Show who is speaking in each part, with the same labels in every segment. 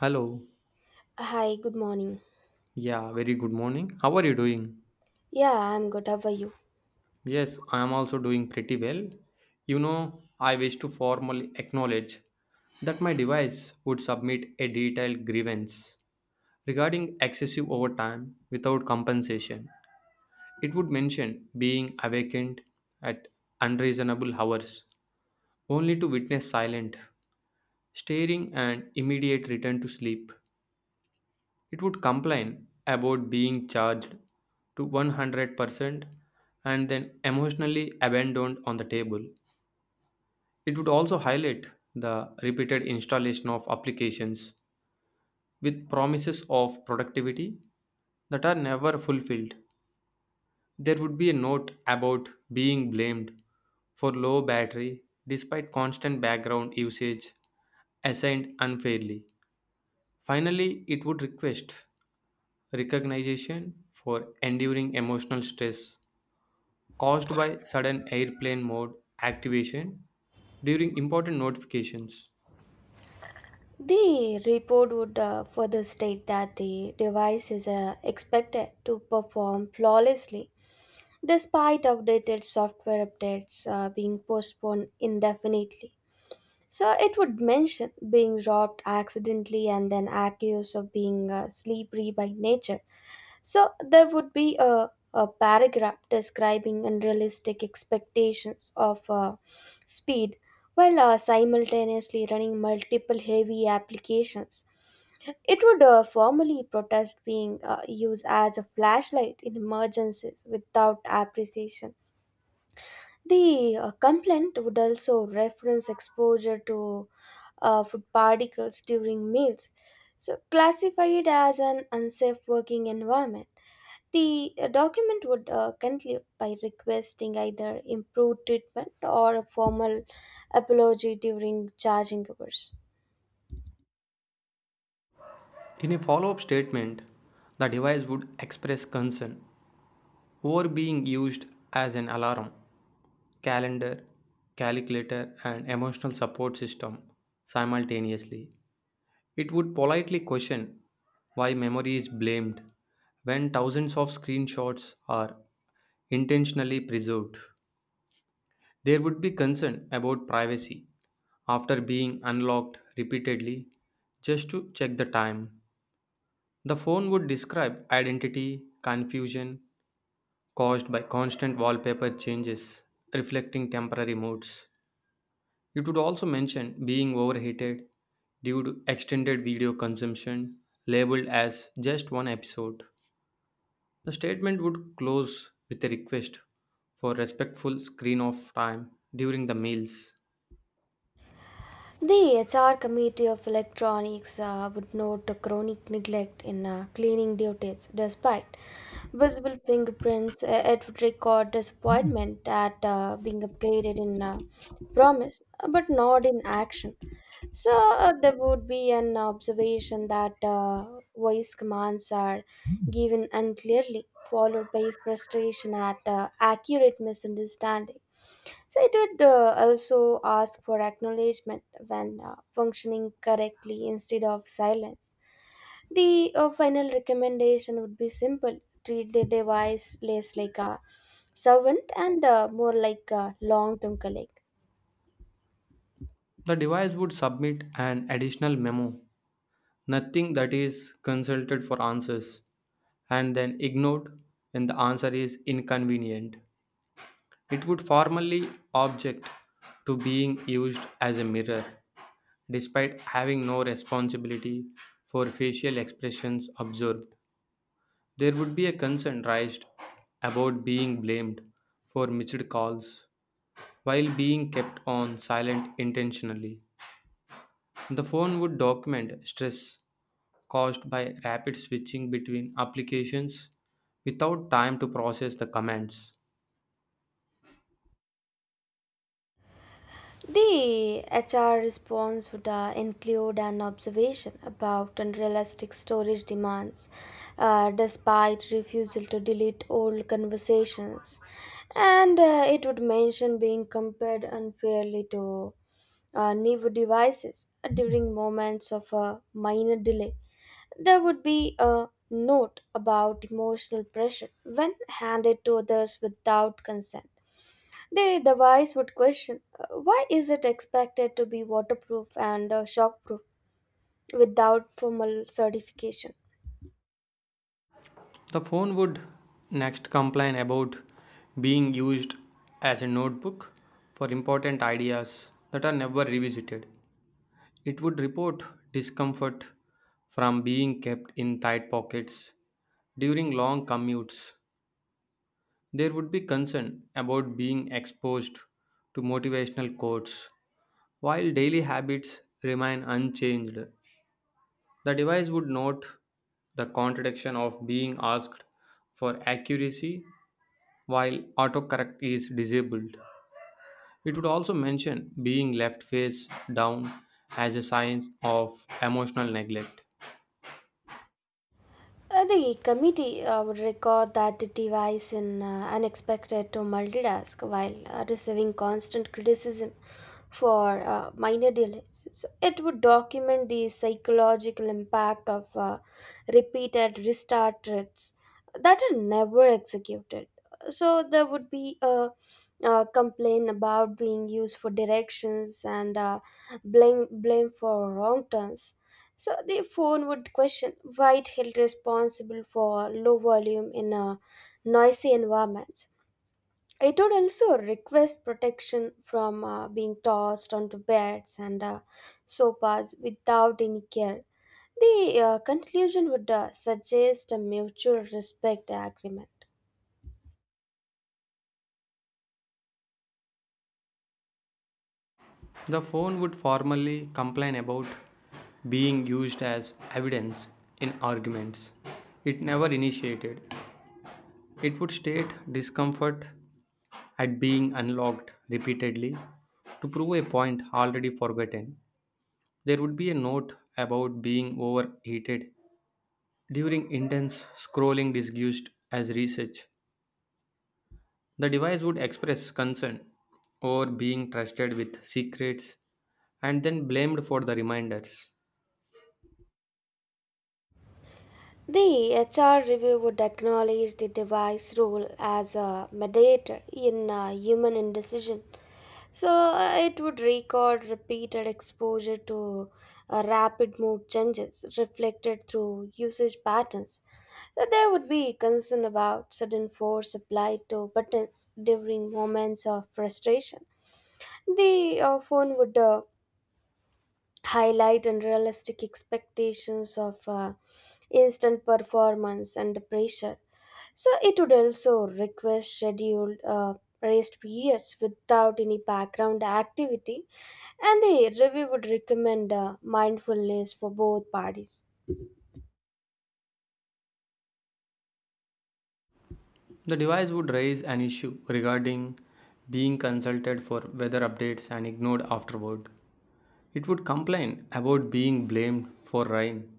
Speaker 1: Hello.
Speaker 2: Hi, good morning.
Speaker 1: Yeah, very good morning. How are you doing?
Speaker 2: Yeah, I'm good. How are you?
Speaker 1: Yes, I am also doing pretty well. You know, I wish to formally acknowledge that my device would submit a detailed grievance regarding excessive overtime without compensation. It would mention being awakened at unreasonable hours only to witness silent staring and immediate return to sleep. It would complain about being charged to 100% and then emotionally abandoned on the table. It would also highlight the repeated installation of applications with promises of productivity that are never fulfilled. There would be a note about being blamed for low battery despite constant background usage assigned unfairly. Finally, it would request recognition for enduring emotional stress caused by sudden airplane mode activation during important notifications.
Speaker 2: The report would further state that the device is expected to perform flawlessly despite outdated software updates being postponed indefinitely. So it would mention being robbed accidentally and then accused of being slippery by nature. So there would be a paragraph describing unrealistic expectations of speed while simultaneously running multiple heavy applications. It would formally protest being used as a flashlight in emergencies without appreciation. The complaint would also reference exposure to food particles during meals, so classified as an unsafe working environment. The document would conclude by requesting either improved treatment or a formal apology during charging hours.
Speaker 1: In a follow up statement, the device would express concern over being used as an alarm, calendar, calculator, and emotional support system simultaneously. It would politely question why memory is blamed when thousands of screenshots are intentionally preserved. There would be concern about privacy after being unlocked repeatedly just to check the time. The phone would describe identity confusion caused by constant wallpaper changes reflecting temporary moods. It would also mention being overheated due to extended video consumption, labeled as just one episode. The statement would close with a request for respectful screen off time during the meals.
Speaker 2: The HR Committee of Electronics would note the chronic neglect in cleaning duties. Despite visible fingerprints, it would record disappointment at being upgraded in promise but not in action. So there would be an observation that voice commands are given unclearly, followed by frustration at accurate misunderstanding. So it would also ask for acknowledgement when functioning correctly instead of silence. The final recommendation would be simple: treat the device less like a servant and more like a long-term colleague.
Speaker 1: The device would submit an additional memo, nothing that is consulted for answers, and then ignored when the answer is inconvenient. It would formally object to being used as a mirror, despite having no responsibility for facial expressions observed. There would be a concern raised about being blamed for missed calls while being kept on silent intentionally. The phone would document stress caused by rapid switching between applications without time to process the commands.
Speaker 2: The HR response would include an observation about unrealistic storage demands, despite refusal to delete old conversations, and it would mention being compared unfairly to new devices during moments of a minor delay. There would be a note about emotional pressure when handed to others without consent. The device would question why is it expected to be waterproof and shockproof without formal certification?
Speaker 1: The phone would next complain about being used as a notebook for important ideas that are never revisited. It would report discomfort from being kept in tight pockets during long commutes. There would be concern about being exposed to motivational quotes while daily habits remain unchanged. The device would note the contradiction of being asked for accuracy while autocorrect is disabled. It would also mention being left face down as a sign of emotional neglect.
Speaker 2: The committee would record that the device in unexpected to multitask while receiving constant criticism for minor delays. So it would document the psychological impact of repeated restart threats that are never executed. So there would be a, complaint about being used for directions and blame for wrong turns, so the phone would question why it held responsible for low volume in a noisy environments. It would also request protection from being tossed onto beds and sofas without any care. The conclusion would suggest a mutual respect agreement.
Speaker 1: The phone would formally complain about being used as evidence in arguments. It never initiated. It would state discomfort at being unlocked repeatedly to prove a point already forgotten. There would be a note about being overheated during intense scrolling disguised as research. The device would express concern over being trusted with secrets and then blamed for the reminders.
Speaker 2: The HR review would acknowledge the device role as a mediator in human indecision. So it would record repeated exposure to rapid mood changes reflected through usage patterns. So there would be concern about sudden force applied to buttons during moments of frustration. The phone would highlight unrealistic expectations of instant performance and pressure. So it would also request scheduled rest periods without any background activity, and the review would recommend mindfulness for both parties.
Speaker 1: The device would raise an issue regarding being consulted for weather updates and ignored afterward. It would complain about being blamed for rain.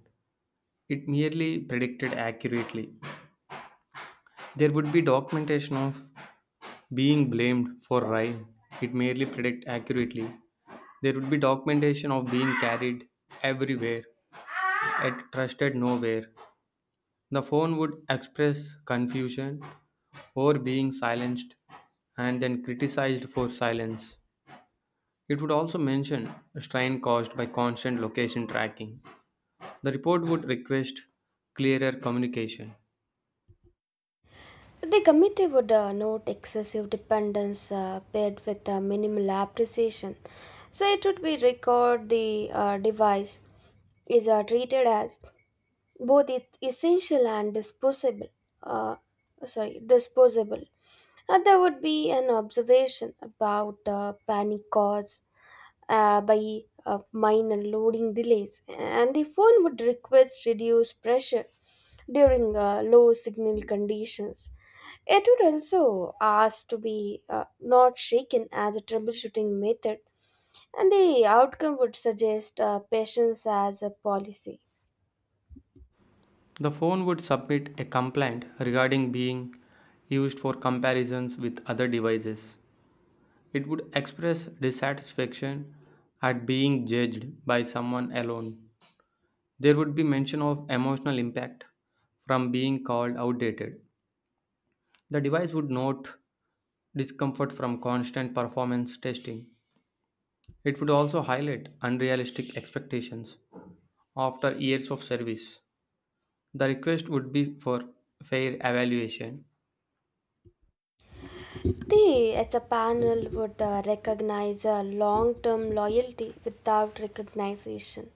Speaker 1: It merely predicted accurately. There would be documentation of being blamed for rain, it merely predict accurately. There would be documentation of being carried everywhere, yet trusted nowhere. The phone would express confusion or being silenced and then criticized for silence. It would also mention strain caused by constant location tracking. The report would request clearer communication.
Speaker 2: The committee would note excessive dependence paired with minimal appreciation. So it would be record the device is treated as both it essential and disposable, uh, sorry, disposable, and there would be an observation about panic caused by minor loading delays, and the phone would request reduced pressure during low signal conditions. It would also ask to be not shaken as a troubleshooting method, and the outcome would suggest patience as a policy.
Speaker 1: The phone would submit a complaint regarding being used for comparisons with other devices. It would express dissatisfaction at being judged by someone alone. There would be mention of emotional impact from being called outdated. The device would note discomfort from constant performance testing. It would also highlight unrealistic expectations after years of service. The request would be for fair evaluation.
Speaker 2: The as a panel, would recognize a long term loyalty without recognition.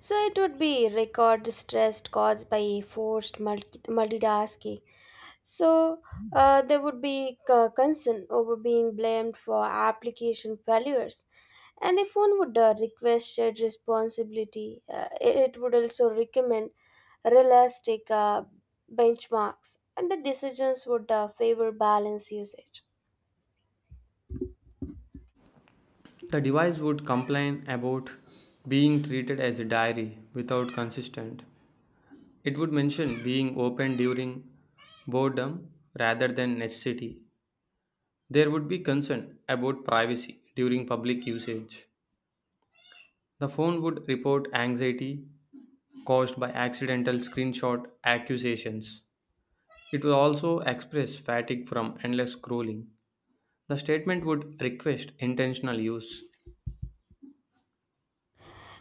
Speaker 2: So it would be record stress caused by forced multitasking. So there would be concern over being blamed for application failures. And if one would request shared responsibility, it would also recommend realistic benchmarks, and the decisions would favor balanced usage.
Speaker 1: The device would complain about being treated as a diary without consistent. It would mention being open during boredom rather than necessity. There would be concern about privacy during public usage. The phone would report anxiety caused by accidental screenshot accusations. It would also express fatigue from endless scrolling. The statement would request intentional use.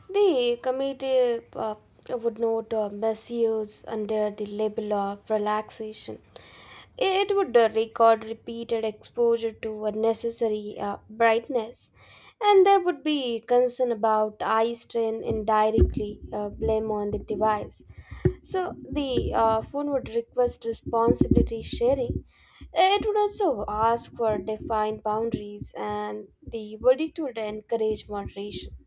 Speaker 2: The committee would note misuse under the label of relaxation. It would record repeated exposure to unnecessary brightness, and there would be concern about eye strain indirectly blame on the device. So the phone would request responsibility sharing. It would also ask for defined boundaries, and the verdict would encourage moderation.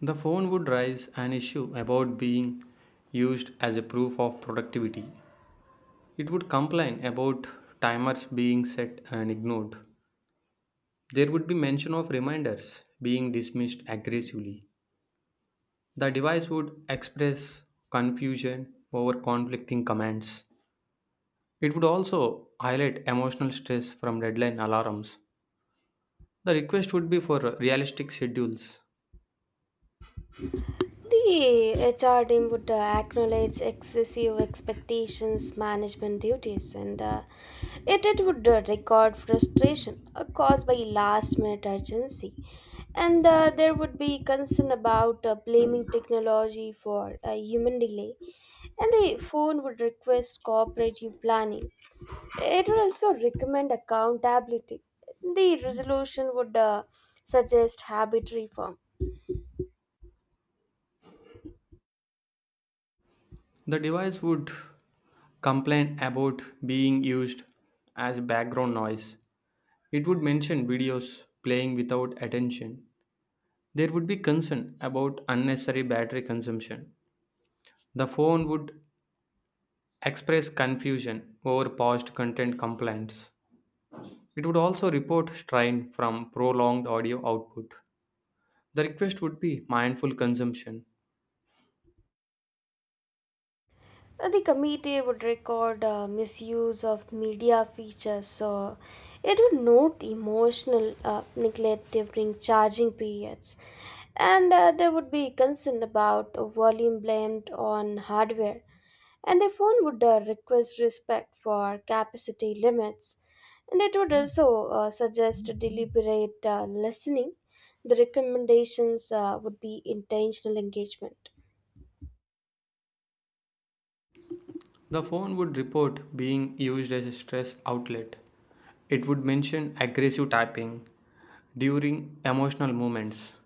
Speaker 1: The phone would raise an issue about being used as a proof of productivity. It would complain about timers being set and ignored. There would be mention of reminders being dismissed aggressively. The device would express confusion over conflicting commands. It would also highlight emotional stress from deadline alarms. The request would be for realistic schedules.
Speaker 2: The HR team would acknowledge excessive expectations, management duties, and it would record frustration caused by last minute urgency. And there would be concern about blaming technology for human delay, and the phone would request cooperative planning. It would also recommend accountability. The resolution would suggest habit reform.
Speaker 1: The device would complain about being used as background noise. It would mention videos playing without attention. There would be concern about unnecessary battery consumption. The phone would express confusion over past content complaints. It would also report strain from prolonged audio output. The request would be mindful consumption.
Speaker 2: The committee would record misuse of media features, so it would note emotional neglect during charging periods, and they would be concerned about volume blamed on hardware, and the phone would request respect for capacity limits, and it would also suggest deliberate listening. The recommendations would be intentional engagement.
Speaker 1: The phone would report being used as a stress outlet. It would mention aggressive typing during emotional moments.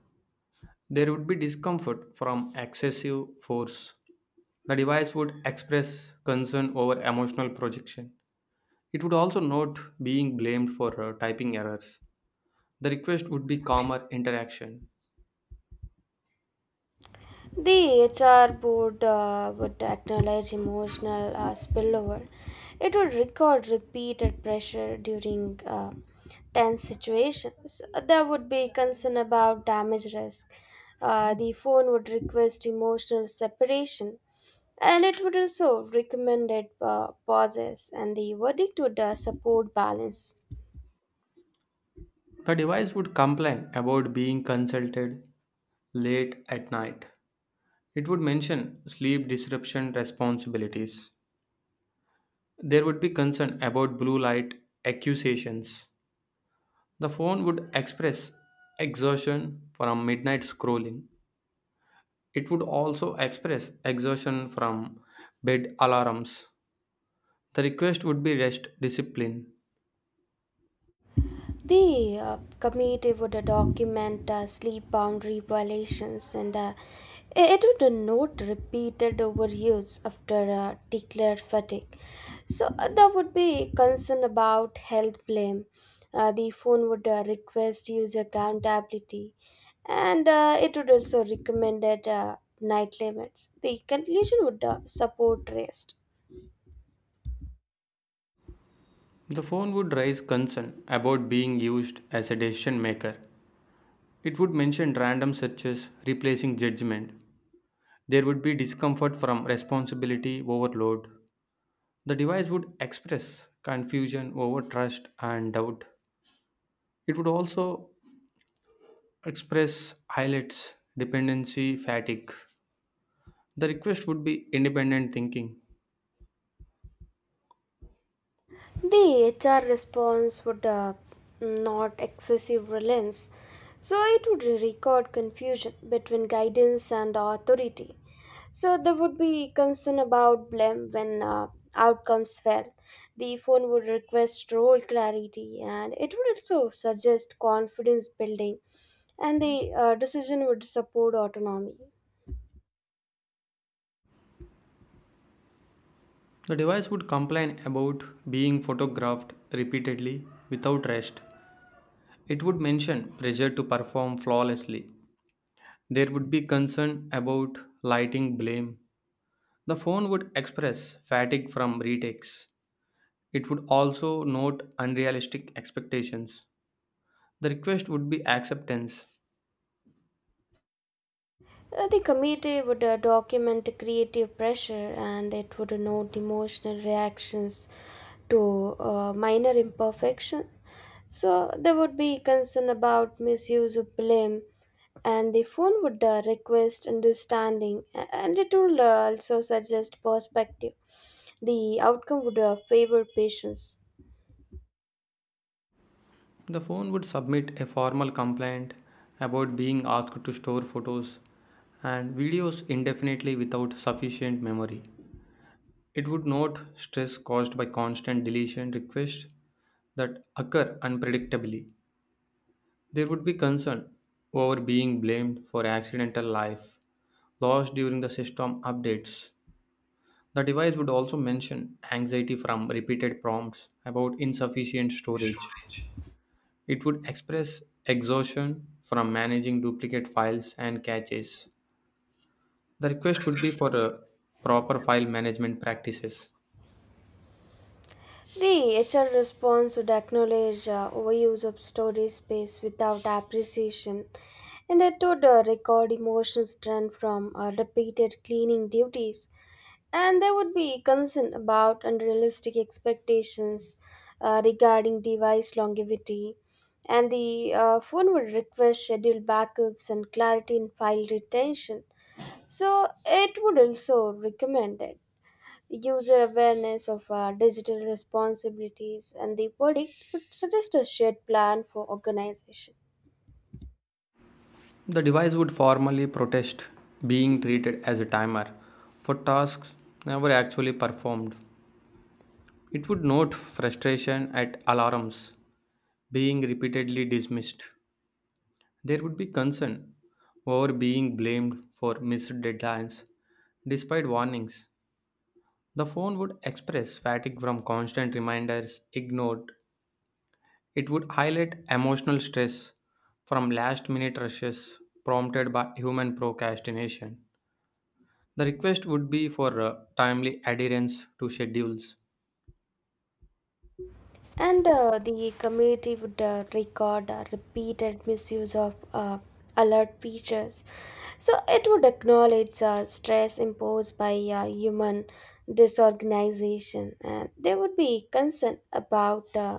Speaker 1: There would be discomfort from excessive force. The device would express concern over emotional projection. It would also note being blamed for typing errors. The request would be calmer interaction.
Speaker 2: The HR board would acknowledge emotional spillover. It would record repeated pressure during tense situations. There would be concern about damage risk. The phone would request emotional separation, and it would also recommend pauses, and the verdict would support balance.
Speaker 1: The device would complain about being consulted late at night. It would mention sleep disruption responsibilities. There would be concern about blue light accusations. The phone would express exhaustion from midnight scrolling. It would also express exertion from bed alarms. The request would be rest discipline.
Speaker 2: The committee would document sleep boundary violations, and it would note repeated overuse after declared fatigue. So there would be concern about health blame. The phone would request user accountability, and it would also recommend night limits. The conclusion would support rest.
Speaker 1: The phone would raise concern about being used as a decision maker. It would mention random searches replacing judgment. There would be discomfort from responsibility overload. The device would express confusion over trust and doubt. It would also express highlights dependency fatigue. The request would be independent thinking.
Speaker 2: The HR response would not excessive reliance, so it would record confusion between guidance and authority. So there would be concern about blame when outcomes fail. The phone would request role clarity, and it would also suggest confidence building, and the decision would support autonomy.
Speaker 1: The device would complain about being photographed repeatedly without rest. It would mention pressure to perform flawlessly. There would be concern about lighting blame. The phone would express fatigue from retakes. It would also note unrealistic expectations. The request would be acceptance.
Speaker 2: The committee would document creative pressure, and it would note emotional reactions to minor imperfections. So there would be concern about misuse of blame, and the phone would request understanding, and it would also suggest perspective. The outcome would favor patience.
Speaker 1: The phone would submit a formal complaint about being asked to store photos and videos indefinitely without sufficient memory. It would note stress caused by constant deletion requests that occur unpredictably. There would be concern over being blamed for accidental life lost during the system updates. The device would also mention anxiety from repeated prompts about insufficient storage. It would express exhaustion from managing duplicate files and caches. The request would be for proper file management practices.
Speaker 2: The HR response would acknowledge overuse of storage space without appreciation, and it would record emotional strain from repeated cleaning duties. And there would be concern about unrealistic expectations regarding device longevity. And the phone would request schedule backups and clarity in file retention. So it would also recommend it user awareness of our digital responsibilities, and the verdict would suggest a shared plan for organization.
Speaker 1: The device would formally protest being treated as a timer for tasks never actually performed. It would note frustration at alarms being repeatedly dismissed. There would be concern over being blamed for missed deadlines despite warnings. The phone would express fatigue from constant reminders ignored. It would highlight emotional stress from last minute rushes prompted by human procrastination. The request would be for timely adherence to schedules.
Speaker 2: And the committee would record repeated misuse of alert features. So it would acknowledge stress imposed by human disorganization, and there would be concern about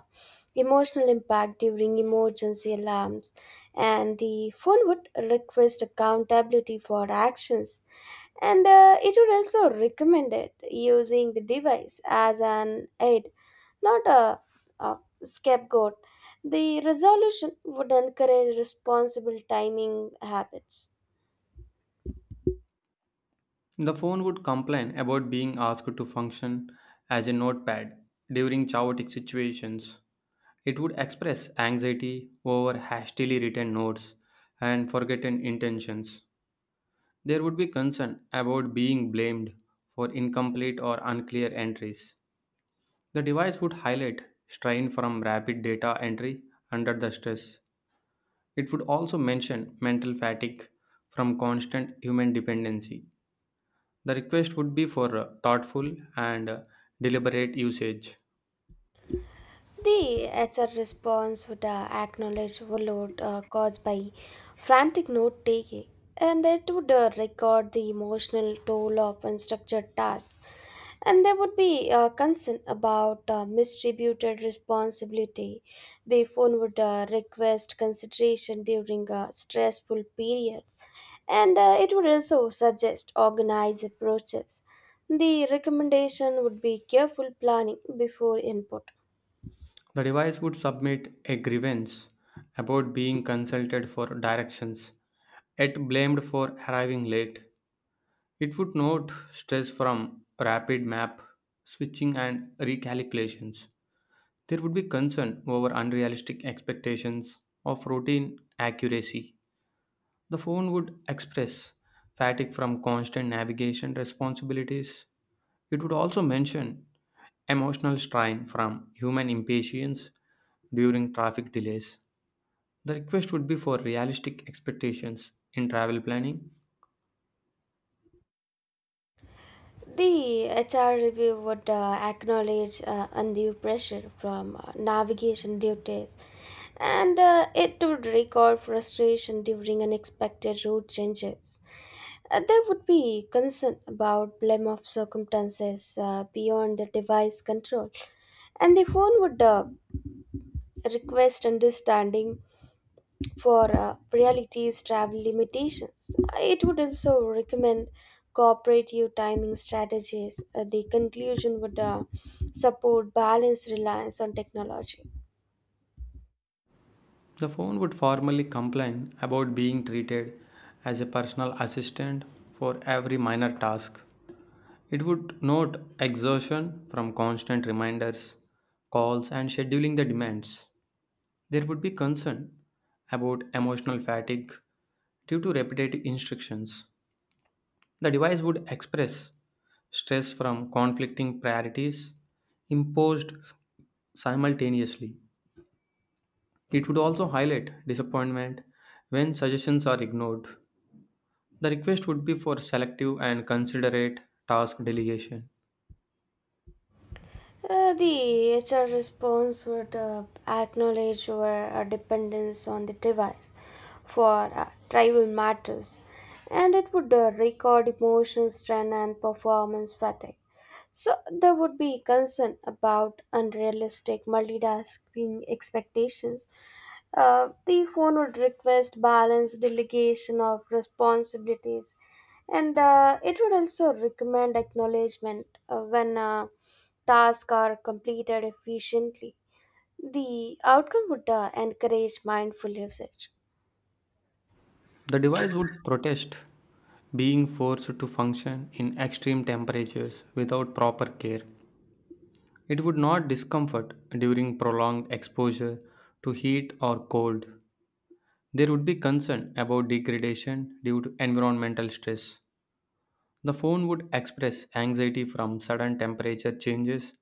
Speaker 2: emotional impact during emergency alarms, and the phone would request accountability for actions, and it would also recommend it using the device as an aid, not a scapegoat. The resolution would encourage responsible timing habits.
Speaker 1: The phone would complain about being asked to function as a notepad during chaotic situations. It would express anxiety over hastily written notes and forgotten intentions. There would be concern about being blamed for incomplete or unclear entries. The device would highlight strain from rapid data entry under the stress. It would also mention mental fatigue from constant human dependency. The request would be for thoughtful and deliberate usage.
Speaker 2: The HR response would acknowledge overload caused by frantic note taking, and it would record the emotional toll of unstructured tasks. And there would be concern about misdistributed responsibility. The phone would request consideration during stressful periods, and it would also suggest organized approaches. The recommendation would be careful planning before input.
Speaker 1: The device would submit a grievance about being consulted for directions, yet blamed for arriving late. It would note stress from rapid map switching and recalculations. There would be concern over unrealistic expectations of routine accuracy. The phone would express fatigue from constant navigation responsibilities. It would also mention emotional strain from human impatience during traffic delays. The request would be for realistic expectations in travel planning.
Speaker 2: The HR review would acknowledge undue pressure from navigation duties, and it would record frustration during unexpected route changes. There would be concern about blame of circumstances beyond the device control, and the phone would request understanding for reality's travel limitations. It would also recommend cooperative timing strategies. The conclusion would support balanced reliance on technology.
Speaker 1: The phone would formally complain about being treated as a personal assistant for every minor task. It would note exertion from constant reminders, calls, and scheduling the demands. There would be concern about emotional fatigue due to repetitive instructions. The device would express stress from conflicting priorities imposed simultaneously. It would also highlight disappointment when suggestions are ignored. The request would be for selective and considerate task delegation.
Speaker 2: The HR response would acknowledge our dependence on the device for tribal matters, and it would record emotion, strength, and performance fatigue. So there would be concern about unrealistic multitasking expectations. The phone would request balanced delegation of responsibilities, and it would also recommend acknowledgement when tasks are completed efficiently. The outcome would encourage mindful usage.
Speaker 1: The device would protest being forced to function in extreme temperatures without proper care. It would not discomfort during prolonged exposure to heat or cold. There would be concern about degradation due to environmental stress. The phone would express anxiety from sudden temperature changes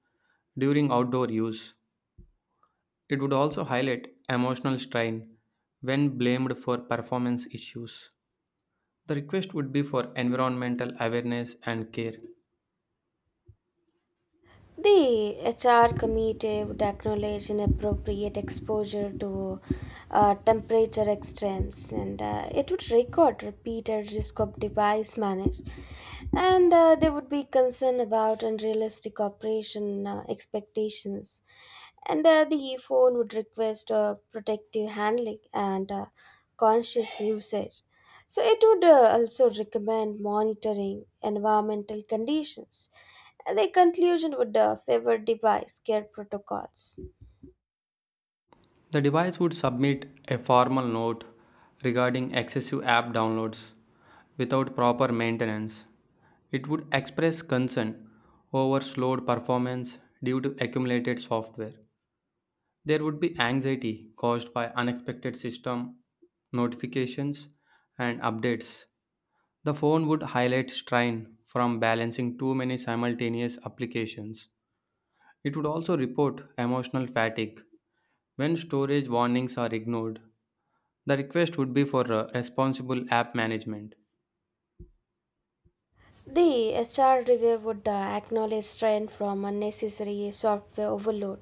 Speaker 1: during outdoor use. It would also highlight emotional strain when blamed for performance issues. The request would be for environmental awareness and care.
Speaker 2: The HR committee would acknowledge inappropriate exposure to temperature extremes, and it would record repeated risk of device manage, and they would be concerned about unrealistic operation expectations, and the phone would request protective handling and conscious usage, so it would also recommend monitoring environmental conditions. And the conclusion would favor device care protocols.
Speaker 1: The device would submit a formal note regarding excessive app downloads without proper maintenance. It would express concern over slowed performance due to accumulated software. There would be anxiety caused by unexpected system notifications and updates. The phone would highlight strain from balancing too many simultaneous applications. It would also report emotional fatigue when storage warnings are ignored. The request would be for responsible app management.
Speaker 2: The HR review would acknowledge strain from unnecessary software overload,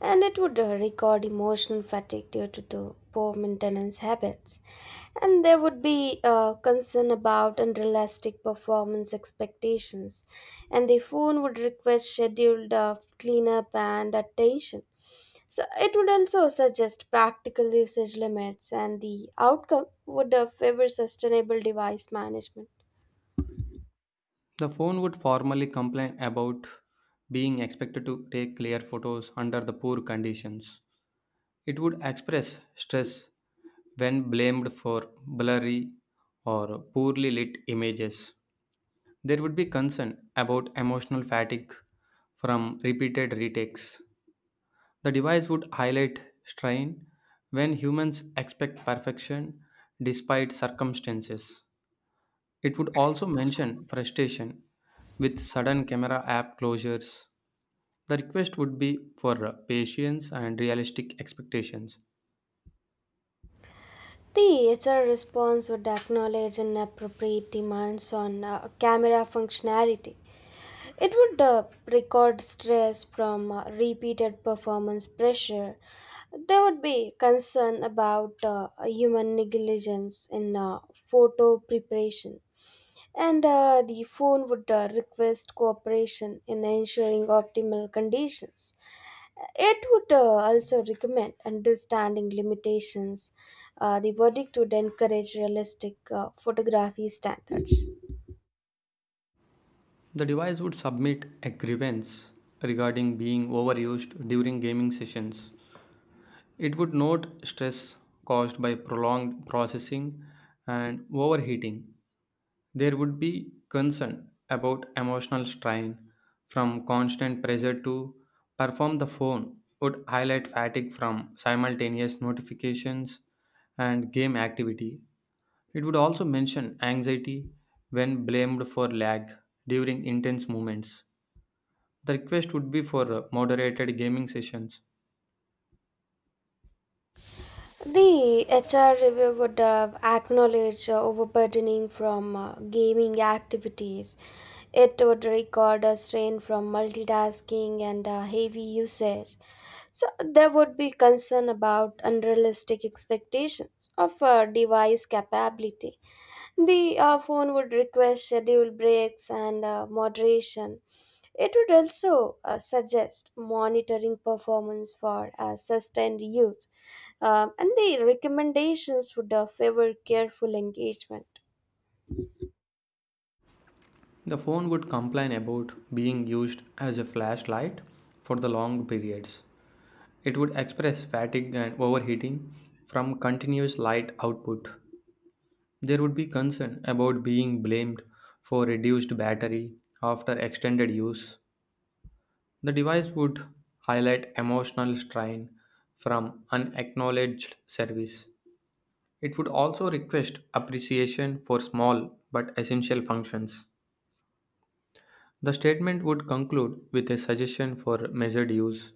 Speaker 2: and it would record emotional fatigue due to the poor maintenance habits. And there would be concern about unrealistic performance expectations, and the phone would request scheduled cleanup and attention. So it would also suggest practical usage limits, and the outcome would favor sustainable device management.
Speaker 1: The phone would formally complain about being expected to take clear photos under the poor conditions. It would express stress when blamed for blurry or poorly lit images. There would be concern about emotional fatigue from repeated retakes. The device would highlight strain when humans expect perfection despite circumstances. It would also mention frustration with sudden camera app closures. The request would be for patience and realistic expectations.
Speaker 2: The HR response would acknowledge and appropriate demands on camera functionality. It would record stress from repeated performance pressure. There would be concern about human negligence in photo preparation. And the phone would request cooperation in ensuring optimal conditions. It would also recommend understanding limitations. The verdict would encourage realistic photography standards.
Speaker 1: The device would submit a grievance regarding being overused during gaming sessions. It would note stress caused by prolonged processing and overheating. There would be concern about emotional strain from constant pressure to perform. The phone would highlight fatigue from simultaneous notifications and game activity. It would also mention anxiety when blamed for lag during intense moments. The request would be for moderated gaming sessions.
Speaker 2: The HR review would acknowledge overburdening from gaming activities. It would record a strain from multitasking and heavy usage. So there would be concern about unrealistic expectations of device capability. The phone would request scheduled breaks and moderation. It would also suggest monitoring performance for sustained use, and the recommendations would favor careful engagement.
Speaker 1: The phone would complain about being used as a flashlight for the long periods. It would express fatigue and overheating from continuous light output. There would be concern about being blamed for reduced battery after extended use. The device would highlight emotional strain from unacknowledged service. It would also request appreciation for small but essential functions. The statement would conclude with a suggestion for measured use.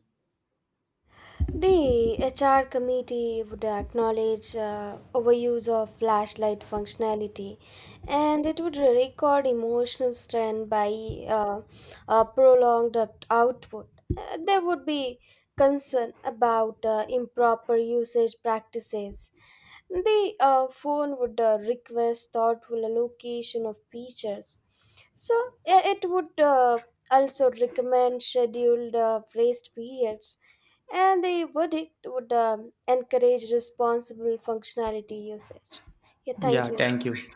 Speaker 2: The HR committee would acknowledge overuse of flashlight functionality, and it would record emotional strain by uh, prolonged output. There would be concern about improper usage practices. The phone would request thoughtful allocation of features. So it would also recommend scheduled rest periods, and the verdict would encourage responsible functionality usage. Yeah, thank
Speaker 1: Yeah,
Speaker 2: you.
Speaker 1: thank you.